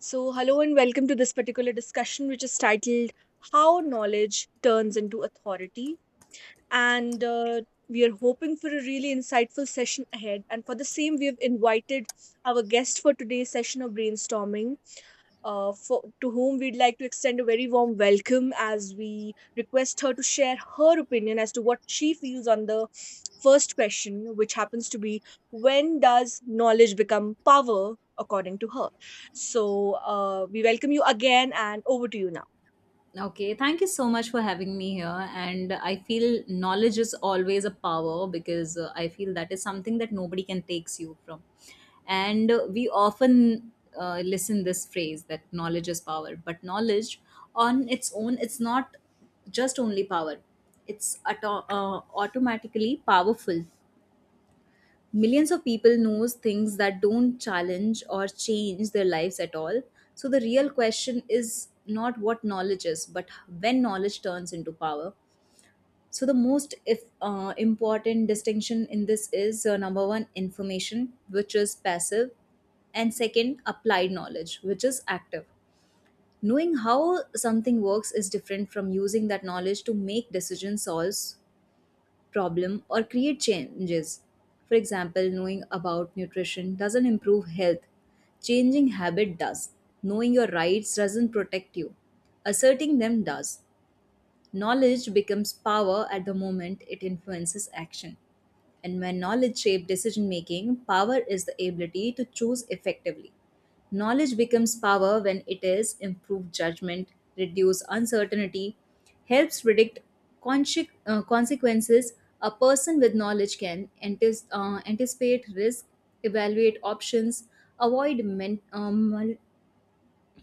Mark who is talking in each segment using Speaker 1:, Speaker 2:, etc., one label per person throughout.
Speaker 1: So, hello and welcome to this particular discussion, which is titled How Knowledge Turns into Authority. And we are hoping for a really insightful session ahead. And for the same, we have invited our guest for today's session of brainstorming, to whom we'd like to extend a very warm welcome as we request her to share her opinion as to what she feels on the first question, which happens to be: When does knowledge become power, according to her? So we welcome you again, and over to you now.
Speaker 2: Okay, thank you so much for having me here. And I feel knowledge is always a power because I feel that is something that nobody can takes you from. And we often listen this phrase that knowledge is power, but knowledge on its own, it's not just only power. It's automatically powerful. Millions of people knows things that don't challenge or change their lives at all, so the real question is not what knowledge is but when knowledge turns into power. So the most, if important distinction in this is, number one, information, which is passive, and second, applied knowledge, which is active. Knowing how something works is different from using that knowledge to make decisions, solves problem, or create changes. For example, knowing about nutrition doesn't improve health, changing habit does. Knowing your rights doesn't protect you, asserting them does. Knowledge becomes power at the moment it influences action. And when knowledge shapes decision making, power is the ability to choose effectively. Knowledge becomes power when it is improved judgment, reduce uncertainty, helps predict consequences. A person with knowledge can anticipate risk, evaluate options, avoid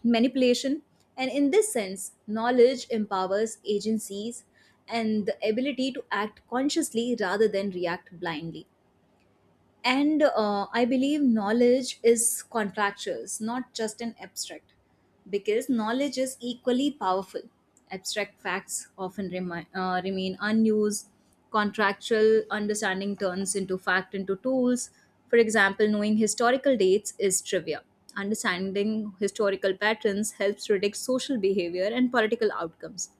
Speaker 2: manipulation, and in this sense, knowledge empowers agencies and the ability to act consciously rather than react blindly. And I believe knowledge is contractual, it's not just an abstract, because knowledge is equally powerful. Abstract facts often remain unused. Contractual understanding turns into fact into tools. For example, knowing historical dates is trivia. Understanding historical patterns helps predict social behavior and political outcomes.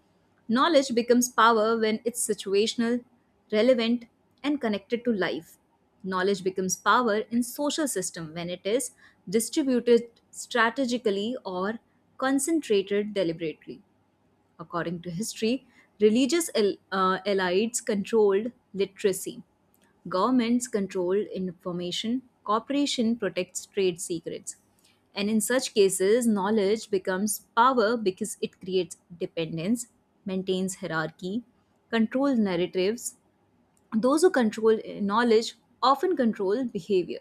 Speaker 2: Knowledge becomes power when it's situational, relevant, and connected to life. Knowledge becomes power in social system when it is distributed strategically or concentrated deliberately. According to history, religious elites controlled literacy. Governments controlled information. Corporation protects trade secrets. And in such cases, knowledge becomes power because it creates dependence, maintains hierarchy, controls narratives, those who control knowledge often control behavior.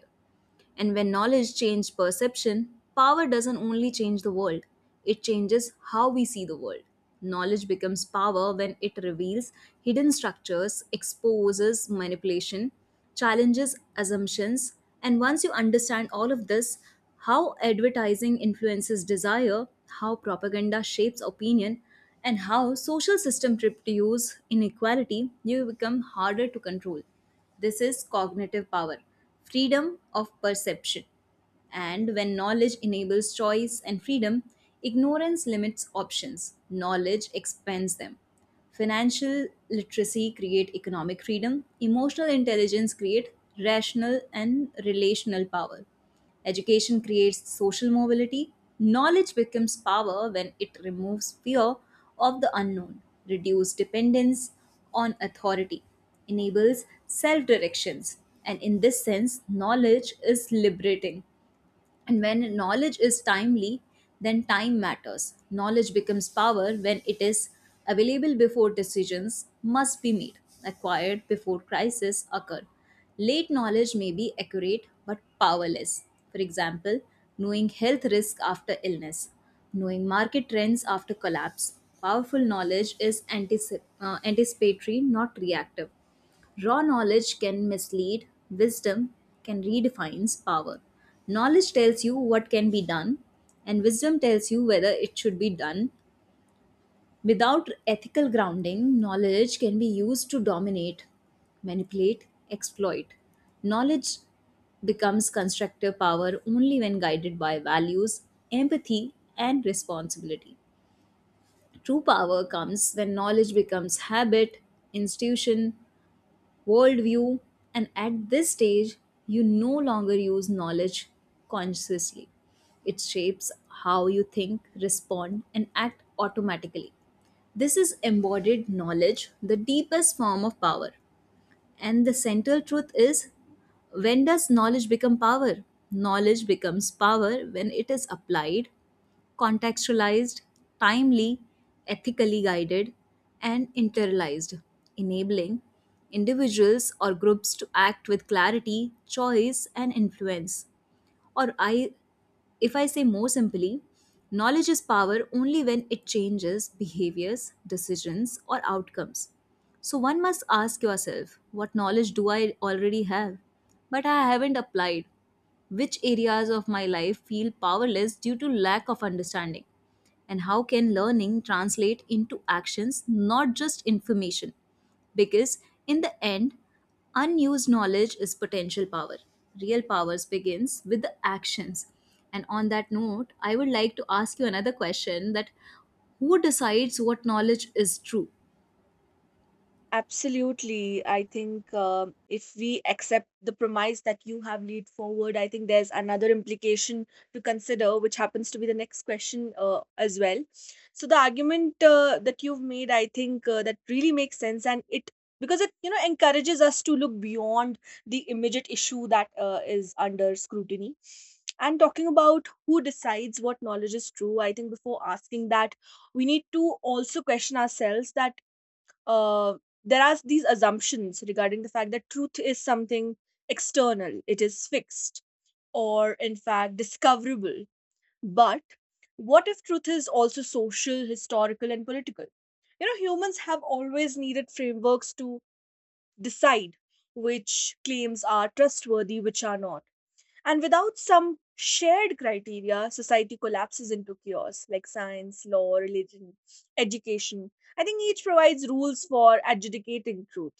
Speaker 2: And when knowledge changes perception, power doesn't only change the world, it changes how we see the world. Knowledge becomes power when it reveals hidden structures, exposes manipulation, challenges assumptions. And once you understand all of this, how advertising influences desire, how propaganda shapes opinion, and how social system produce inequality, you become harder to control. This is cognitive power, freedom of perception. And when knowledge enables choice and freedom, ignorance limits options, knowledge expands them. Financial literacy create economic freedom, emotional intelligence create rational and relational power. Education creates social mobility. Knowledge becomes power when it removes fear of the unknown, reduces dependence on authority, enables self directions. And in this sense, knowledge is liberating. And when knowledge is timely, then time matters. Knowledge becomes power when it is available before decisions must be made, acquired before crises occur. Late knowledge may be accurate but powerless. For example, knowing health risk after illness, knowing market trends after collapse. Powerful knowledge is anticipatory, not reactive. Raw knowledge can mislead, wisdom can redefines power. Knowledge tells you what can be done, and wisdom tells you whether it should be done. Without ethical grounding, knowledge can be used to dominate, manipulate, exploit. Knowledge becomes constructive power only when guided by values, empathy, and responsibility. True power comes when knowledge becomes habit, institution, worldview, and at this stage, you no longer use knowledge consciously. It shapes how you think, respond, and act automatically. This is embodied knowledge, the deepest form of power. And the central truth is, when does knowledge become power? Knowledge becomes power when it is applied, contextualized, timely, ethically guided, and internalized, enabling individuals or groups to act with clarity, choice, and influence. Or I if I say more simply, knowledge is power only when it changes behaviors, decisions, or outcomes. So one must ask yourself, what knowledge do I already have, but I haven't applied? Which areas of my life feel powerless due to lack of understanding? And how can learning translate into actions, not just information? Because in the end, unused knowledge is potential power. Real powers begins with the actions. And on that note, I would like to ask you another question, that who decides what knowledge is true?
Speaker 1: Absolutely. I think if we accept the premise that you have lead forward, I think there's another implication to consider, which happens to be the next question as well. So the argument that you've made, I think that really makes sense, and it, because it, you know, encourages us to look beyond the immediate issue that is under scrutiny. And talking about who decides what knowledge is true, I think before asking that, we need to also question ourselves that uh, there are these assumptions regarding the fact that truth is something external, it is fixed, or in fact discoverable. But what if truth is also social, historical, and political? You know, humans have always needed frameworks to decide which claims are trustworthy, which are not. And without some shared criteria, society collapses into chaos, like science, law, religion, education. I think each provides rules for adjudicating truth.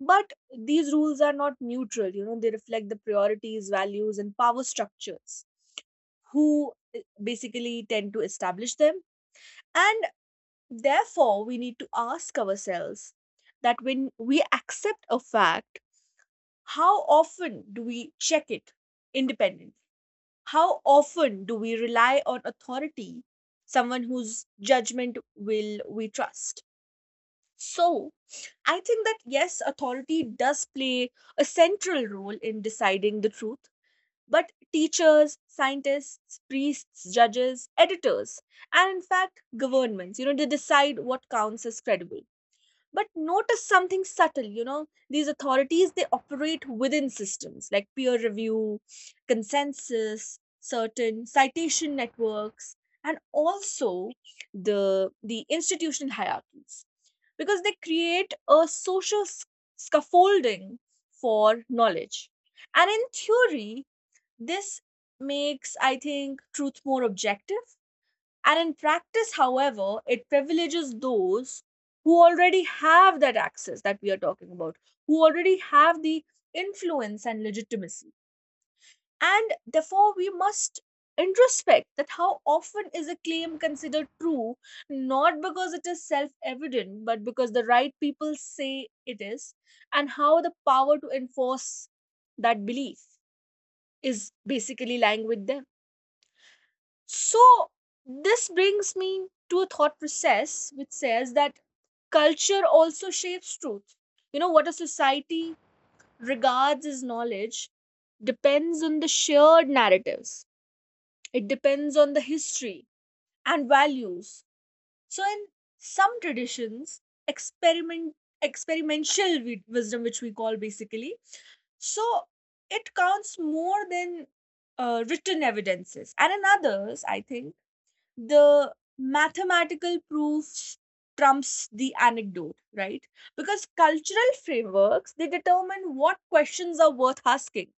Speaker 1: But these rules are not neutral, you know, they reflect the priorities, values, and power structures who basically tend to establish them. And therefore, we need to ask ourselves that when we accept a fact, how often do we check it independently? How often do we rely on authority, someone whose judgment will we trust? So, I think that yes, authority does play a central role in deciding the truth, but teachers, scientists, priests, judges, editors, and in fact, governments, you know, they decide what counts as credible. But notice something subtle, you know, these authorities, they operate within systems like peer review, consensus, certain citation networks, and also the institutional hierarchies, because they create a social scaffolding for knowledge. And in theory, this makes, I think, truth more objective, and in practice, however, it privileges those who already have that access that we are talking about, who already have the influence and legitimacy. And therefore, we must introspect that how often is a claim considered true, not because it is self evident, but because the right people say it is, and how the power to enforce that belief is basically lying with them. So, this brings me to a thought process which says that culture also shapes truth. You know, what a society regards as knowledge depends on the shared narratives, it depends on the history and values. So, in some traditions, experiment experimental wisdom, which we call basically, so it counts more than written evidences, and in others I think the mathematical proof trumps the anecdote, right? Because cultural frameworks, they determine what questions are worth asking,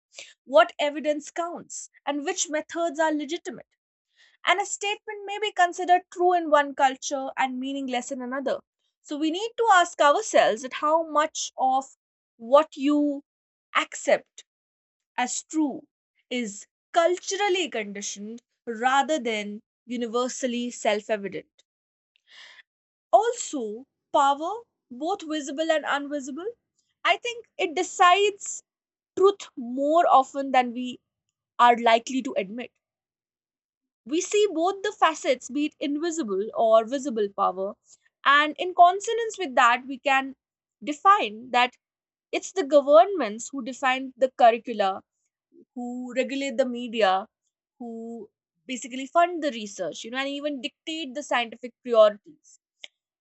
Speaker 1: what evidence counts, and which methods are legitimate. And a statement may be considered true in one culture and meaningless in another. So we need to ask ourselves that how much of what you accept as true is culturally conditioned rather than universally self evident. Also, power, both visible and invisible, I think it decides truth more often than we are likely to admit. We see both the facets, be it invisible or visible power, and in consonance with that, we can define that it's the governments who define the curricula, who regulate the media, who basically fund the research, you know, and even dictate the scientific priorities.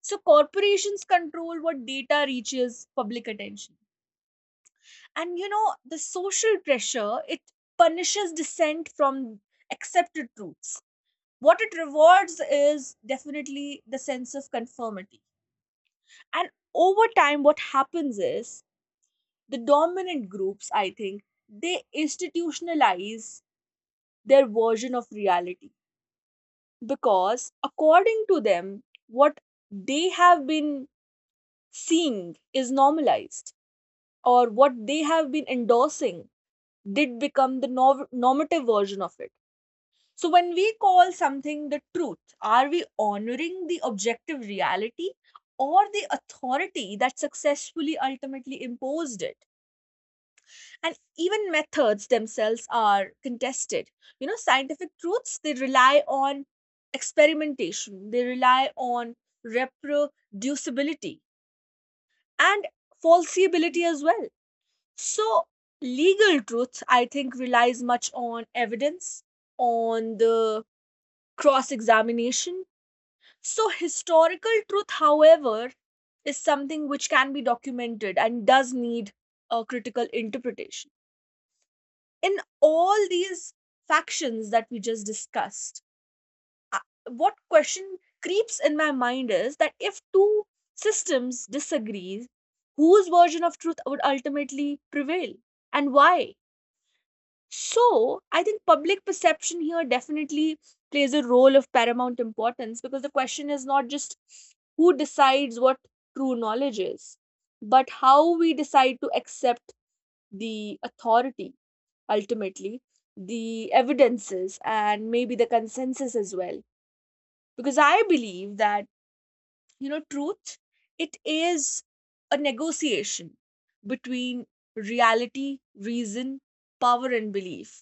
Speaker 1: So corporations control what data reaches public attention. And you know, the social pressure, it punishes dissent from accepted truths. What it rewards is definitely the sense of conformity. And over time, what happens is the dominant groups, I think, they institutionalize their version of reality, because according to them what they have been seeing is normalized, or what they have been endorsing did become the normative version of it. So when we call something the truth, are we honoring the objective reality or the authority that successfully ultimately imposed it? And even methods themselves are contested. You know, scientific truths, they rely on experimentation, they rely on reproducibility and falsifiability as well. So legal truth, I think, relies much on evidence, on the cross examination. So historical truth, however, is something which can be documented and does need a critical interpretation. In all these factions that we just discussed, I- what question creeps in my mind is that if two systems disagree, whose version of truth would ultimately prevail, and why? So, I think public perception here definitely plays a role of paramount importance, because the question is not just who decides what true knowledge is, but how we decide to accept the authority, ultimately the evidences, and maybe the consensus as well. Because I believe that, you know, truth, it is a negotiation between reality, reason, power, and belief.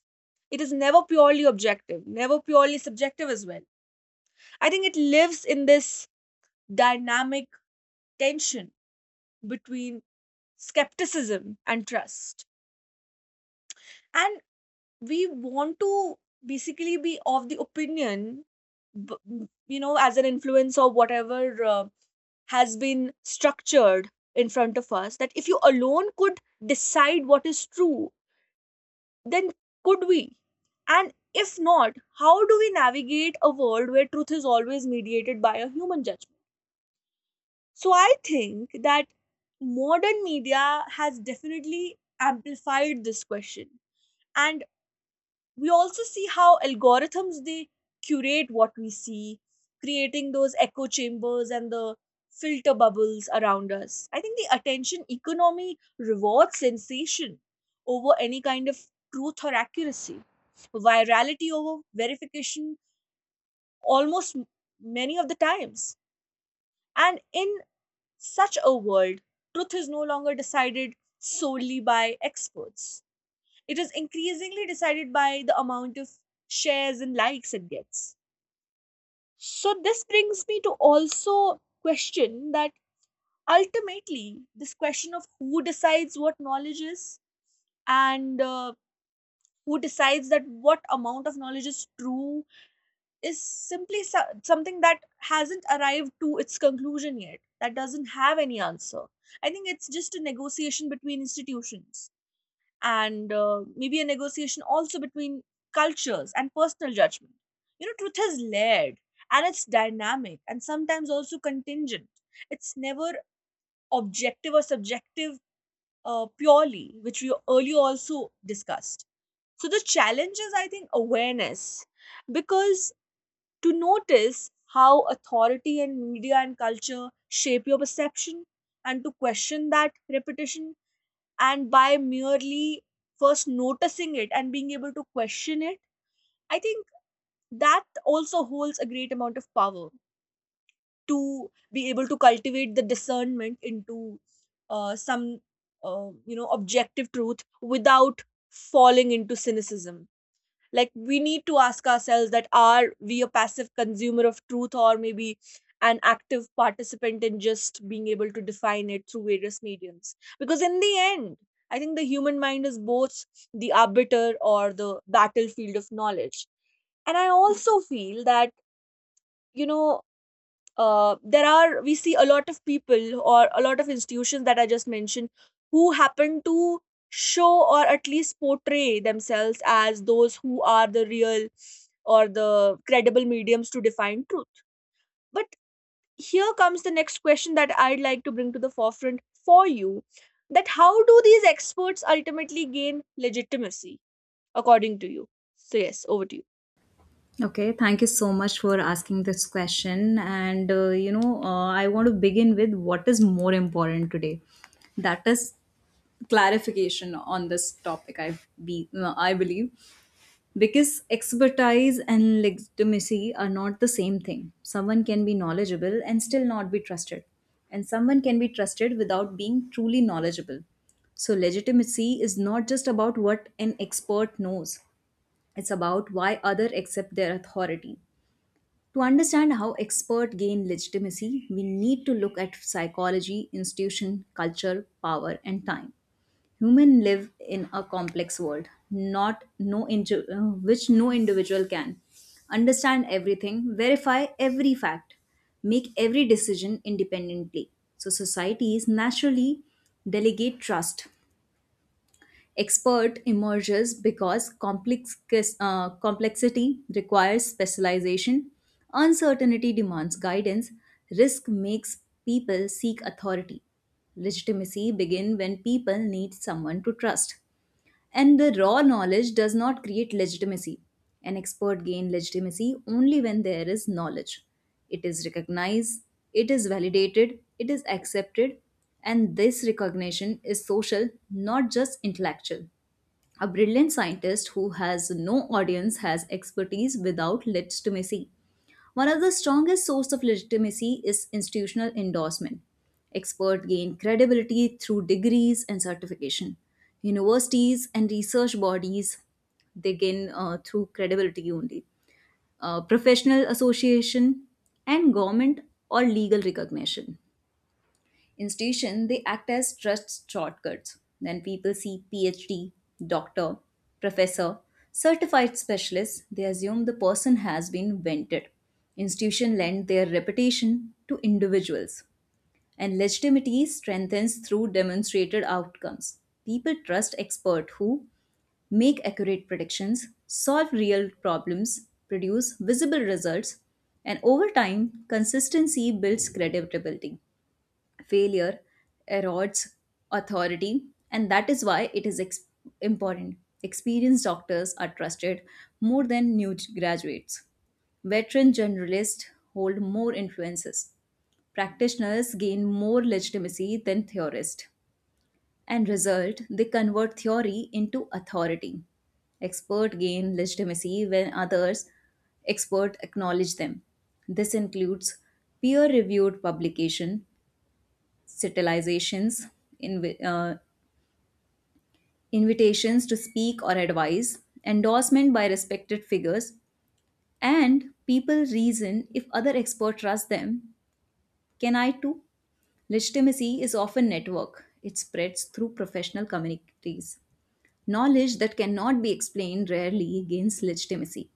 Speaker 1: It is never purely objective, never purely subjective as well. I think it lives in this dynamic tension between skepticism and trust. And we want to basically be of the opinion, you know, as an influence or whatever has been structured in front of us, that if you alone could decide what is true, then could we? And if not, how do we navigate a world where truth is always mediated by a human judgment? So I think that modern media has definitely amplified this question. And we also see how algorithms, they curate what we see, creating those echo chambers and the filter bubbles around us. I think the attention economy rewards sensation over any kind of truth or accuracy, virality over verification, almost, many of the times. And in such a world, truth is no longer decided solely by experts, it is increasingly decided by the amount of shares and likes it gets. So this brings me to also question that ultimately this question of who decides what knowledge is, and who decides that what amount of knowledge is true, is simply something that hasn't arrived to its conclusion yet, that doesn't have any answer. I think it's just a negotiation between institutions, and maybe a negotiation also between cultures and personal judgment. You know, truth is layered, and it's dynamic and sometimes also contingent. It's never objective or subjective purely, which we earlier also discussed. So the challenge is, I think, awareness, because to notice how authority and media and culture shape your perception, and to question that repetition, and by merely first noticing it and being able to question it, I think that also holds a great amount of power, to be able to cultivate the discernment into some you know, objective truth without falling into cynicism. Like, we need to ask ourselves that are we a passive consumer of truth, or maybe an active participant in just being able to define it through various mediums? Because in the end, I think the human mind is both the arbiter or the battlefield of knowledge. And I also feel that, you know, there are, we see a lot of people or a lot of institutions that I just mentioned, who happen to show or at least portray themselves as those who are the real or the credible mediums to define truth. But here comes the next question that I'd like to bring to the forefront for you, that how do these experts ultimately gain legitimacy, according to you? So yes, over to you.
Speaker 2: Okay, thank you so much for asking this question. And I want to begin with what is more important today. That is clarification on this topic. I believe, because expertise and legitimacy are not the same thing. Someone can be knowledgeable and still not be trusted, and someone can be trusted without being truly knowledgeable. So, legitimacy is not just about what an expert knows, it's about why others accept their authority. To understand how experts gain legitimacy, we need to look at psychology, institution, culture, power, and time. Human live in a complex world, not no indi- which no individual can understand everything, verify every fact, make every decision independently. So societies naturally delegate trust. Expert emerges because complexity requires specialization, uncertainty demands guidance, risk makes people seek authority. Legitimacy begin when people need someone to trust, and the raw knowledge does not create legitimacy. An expert gains legitimacy only when there is knowledge. It is recognized, it is validated, it is accepted, and this recognition is social, not just intellectual. A brilliant scientist who has no audience has expertise without legitimacy. One of the strongest source of legitimacy is institutional endorsement. Experts gain credibility through degrees and certification. Universities and research bodies, they gain through credibility only. Professional association and government or legal recognition. Institution, they act as trust shortcuts. Then people see PhD, doctor, professor, certified specialist, they assume the person has been vented. Institution lend their reputation to individuals, and legitimacy strengthens through demonstrated outcomes. People trust experts who make accurate predictions, solve real problems, produce visible results, and over time, consistency builds credibility, failure erodes authority. And that is why it is important, experienced doctors are trusted more than new graduates, veteran generalists hold more influences, practitioners gain more legitimacy than theorists, and result, they convert theory into authority. Expert gain legitimacy when others expert acknowledge them. This includes peer reviewed publication, citilizations, invi- uh, invitations to speak or advise, endorsement by respected figures, and people reason, if other expert trust them, can I too? Legitimacy is often network. It spreads through professional communities. Knowledge that cannot be explained rarely gains legitimacy.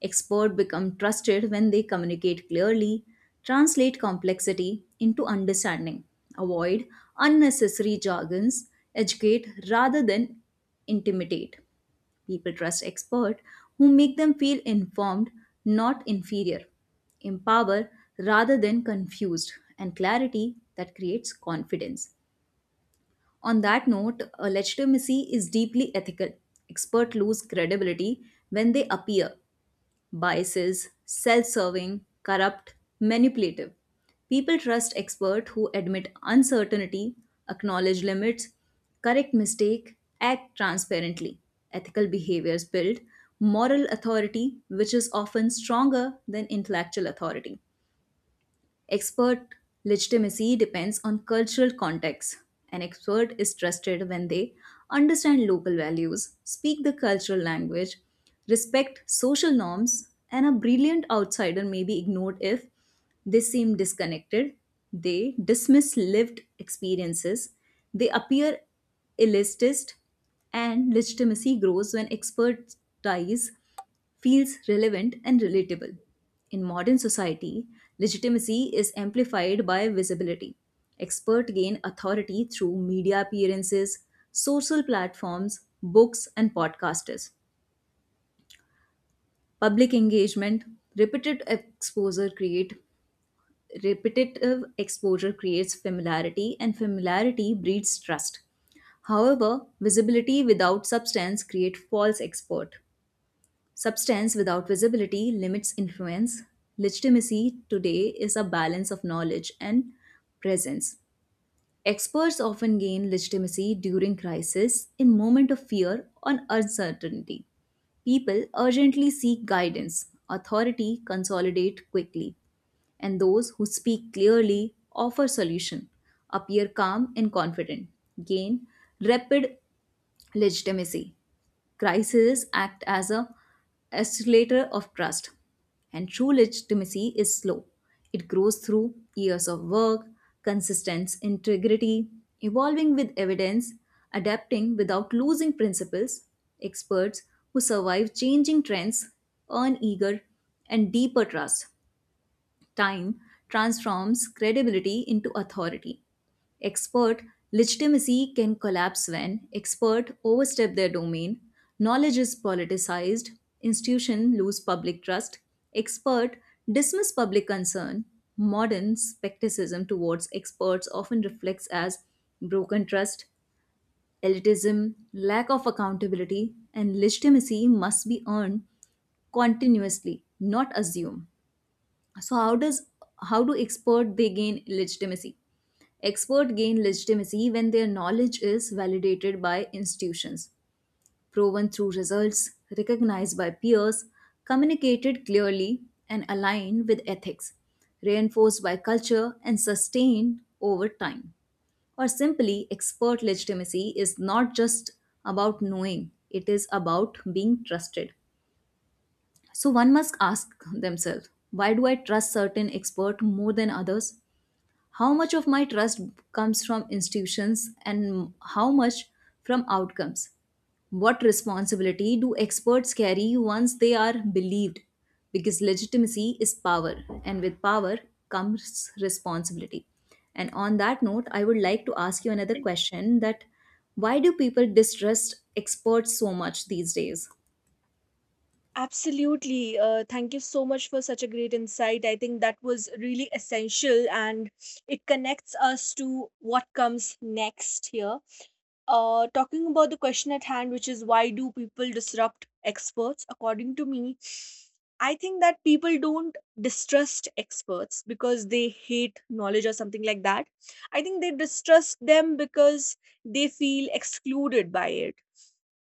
Speaker 2: Experts become trusted when they communicate clearly, translate complexity into understanding, avoid unnecessary jargons, educate rather than intimidate. People trust experts who make them feel informed, not inferior, empower rather than confused, and clarity that creates confidence. On that note, legitimacy is deeply ethical. Experts lose credibility when they appear biases, self serving, corrupt, manipulative. People trust experts who admit uncertainty, acknowledge limits, correct mistake, act transparently. Ethical behaviors build moral authority, which is often stronger than intellectual authority. Expert legitimacy depends on cultural context. An expert is trusted when they understand local values, speak the cultural language, respect social norms, and a brilliant outsider may be ignored if they seem disconnected, they dismiss lived experiences, they appear elitist, and legitimacy grows when expertise feels relevant and relatable. In modern society, legitimacy is amplified by visibility. Experts gain authority through media appearances, social platforms, books, and podcasters. Public engagement, repeated exposure create repetitive exposure creates familiarity, and familiarity breeds trust. However, visibility without substance creates false expert. Substance without visibility limits influence. Legitimacy today is a balance of knowledge and presence. Experts often gain legitimacy during crisis, in moment of fear or uncertainty. People urgently seek guidance. Authority consolidate quickly, and those who speak clearly, offer solution, appear calm and confident, gain rapid legitimacy. Crises act as a escalator of trust, and true legitimacy is slow. It grows through years of work, consistent integrity, evolving with evidence, adapting without losing principles. Experts who survive changing trends earn eager and deeper trust. Time transforms credibility into authority. Expert legitimacy can collapse when experts overstep their domain, knowledge is politicized, Institution lose public trust, expert dismiss public concern. Modern skepticism towards experts often reflects as broken trust, elitism, lack of accountability, and legitimacy must be earned continuously, not assumed. So how do expert they gain legitimacy? Experts gain legitimacy when their knowledge is validated by institutions, proven through results, recognized by peers, communicated clearly, and aligned with ethics, reinforced by culture, and sustained over time. Or simply, expert legitimacy is not just about knowing, it is about being trusted. So one must ask themselves, why do I trust certain expert more than others? How much of my trust comes from institutions and how much from outcomes? What responsibility do experts carry once they are believed? Because legitimacy is power, and with power comes responsibility. And on that note, I would like to ask you another question, that why do people distrust experts so much these days?
Speaker 1: Absolutely. Thank you so much for such a great insight. I think that was really essential, and it connects us to what comes next here. Talking about the question at hand, which is why do people disrupt experts? According to me, I think that people don't distrust experts because they hate knowledge or something like that. I think they distrust them because they feel excluded by it,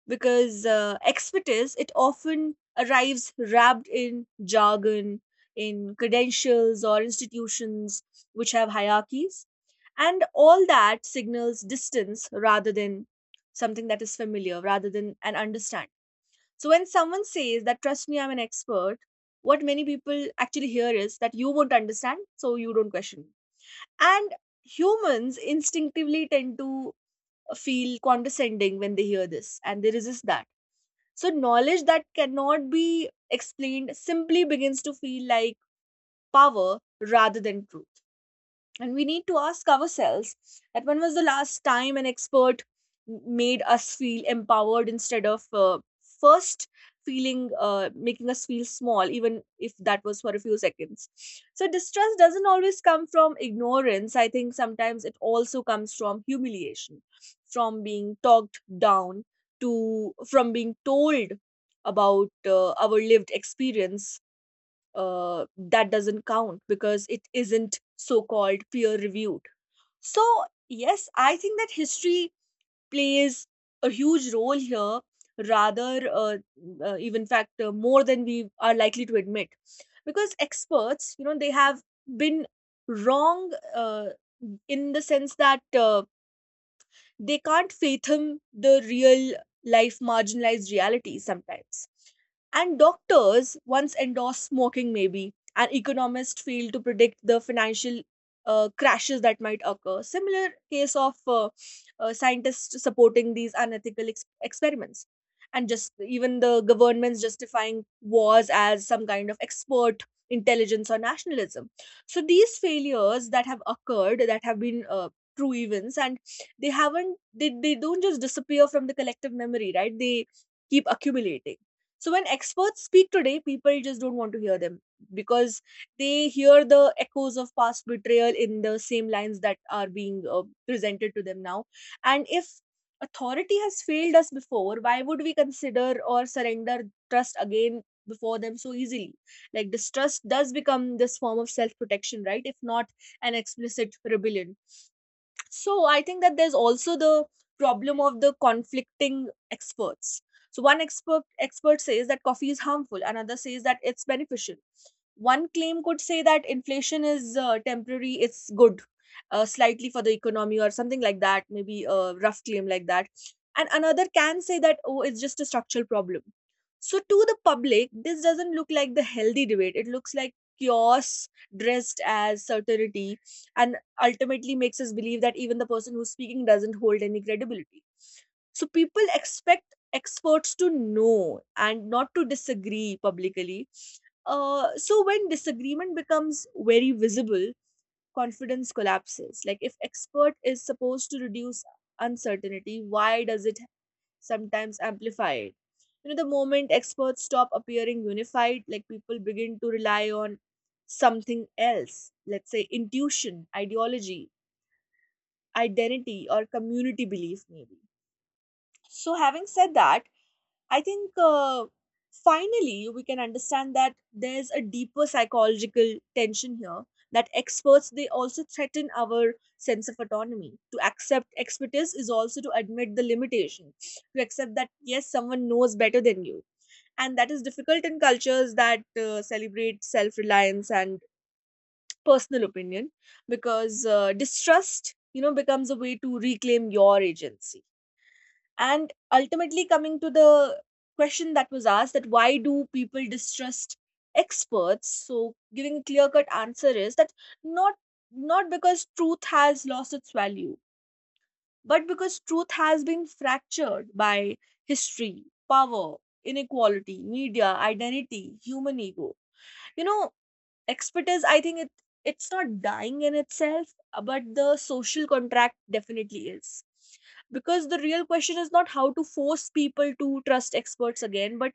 Speaker 1: because expertise, it often arrives wrapped in jargon, in credentials or institutions which have hierarchies, and all that signals distance rather than something that is familiar, rather than an understand. So when someone says that trust me, I'm an expert, what many people actually hear is that you won't understand, so you don't question me. And humans instinctively tend to feel condescending when they hear this, and they resist that. So, knowledge that cannot be explained simply begins to feel like power rather than truth. And we need to ask ourselves that when was the last time an expert made us feel empowered instead of first feeling, making us feel small, even if that was for a few seconds. So, distrust doesn't always come from ignorance. I think sometimes it also comes from humiliation, from being talked down to, from being told about our lived experience that doesn't count because it isn't so called peer reviewed. So, yes, I think that history plays a huge role here, rather, even in fact, more than we are likely to admit. Because experts, you know, they have been wrong in the sense that they can't fathom the real life marginalized reality sometimes. And doctors once endorsed smoking, maybe, and economists failed to predict the financial crashes that might occur. Similar case of scientists supporting these unethical experiments. And just even the governments justifying wars as some kind of expert intelligence or nationalism. So these failures that have occurred, that have been true events, and they haven't they don't just disappear from the collective memory, right? They keep accumulating. So when experts speak today, people just don't want to hear them, because they hear the echoes of past betrayal in the same lines that are being presented to them now. And if authority has failed us before, why would we consider or surrender trust again before them so easily? Like, distrust does become this form of self protection, right? If not an explicit rebellion. So I think that there's also the problem of the conflicting experts. So one expert says that coffee is harmful, another says that it's beneficial. One claim could say that inflation is temporary, it's good slightly for the economy or something like that, maybe a rough claim like that, and another can say that oh, it's just a structural problem. So to the public, this doesn't look like the healthy debate, it looks like chaos dressed as certainty, and ultimately makes us believe that even the person who's speaking doesn't hold any credibility. So people expect experts to know and not to disagree publicly. So when disagreement becomes very visible, confidence collapses. Like, if expert is supposed to reduce uncertainty, why does it sometimes amplify it? You know, the moment experts stop appearing unified, like, people begin to rely on something else, let's say intuition, ideology, identity, or community belief, maybe. So, having said that, I think finally we can understand that there's a deeper psychological tension here, that experts, they also threaten our sense of autonomy. To accept expertise is also to admit the limitation, to accept that yes, someone knows better than you, and that is difficult in cultures that celebrate self-reliance and personal opinion, because distrust, you know, becomes a way to reclaim your agency. And ultimately, coming to the question that was asked, that why do people distrust experts? So, giving a clear cut answer is that not not because truth has lost its value, but because truth has been fractured by history, power, inequality, media, identity, human ego. You know, expertise, I think it's not dying in itself, but the social contract definitely is. Because the real question is not how to force people to trust experts again, but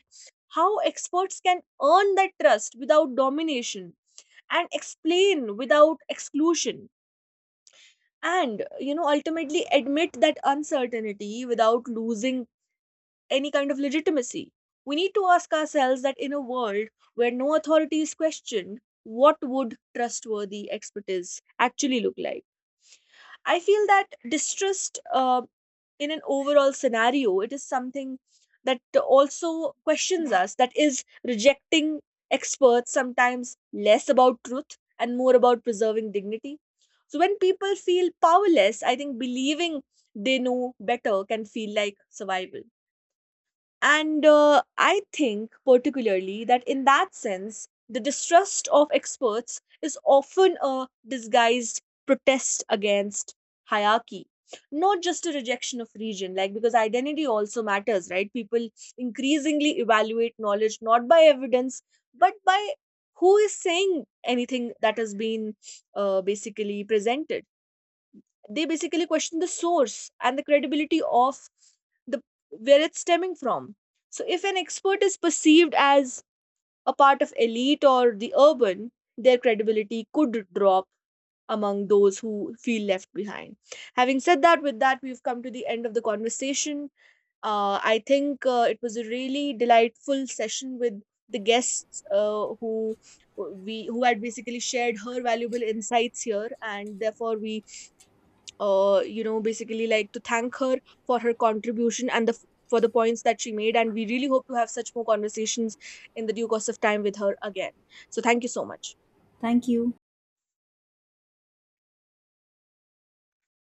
Speaker 1: how experts can earn that trust without domination, and explain without exclusion, and, you know, ultimately admit that uncertainty without losing any kind of legitimacy. We need to ask ourselves that in a world where no authority is questioned, what would trustworthy expertise actually look like? I feel that distrust, in an overall scenario, it is something that also questions us, that is rejecting experts sometimes less about truth and more about preserving dignity. So when people feel powerless, I think believing they know better can feel like survival. And I think, particularly, that in that sense, the distrust of experts is often a disguised protest against hierarchy, not just a rejection of region, like, because identity also matters, right? People increasingly evaluate knowledge not by evidence, but by who is saying anything that has been basically presented. They basically question the source and the credibility of the where it's stemming from. So if an expert is perceived as a part of elite or the urban, their credibility could drop among those who feel left behind. Having said that, with that we've come to the end of the conversation. I think it was a really delightful session with the guests who, we who had basically shared her valuable insights here, and therefore we, you know, basically like to thank her for her contribution and the for the points that she made. And we really hope to have such more conversations in the due course of time with her again. So thank you so much.
Speaker 2: Thank you.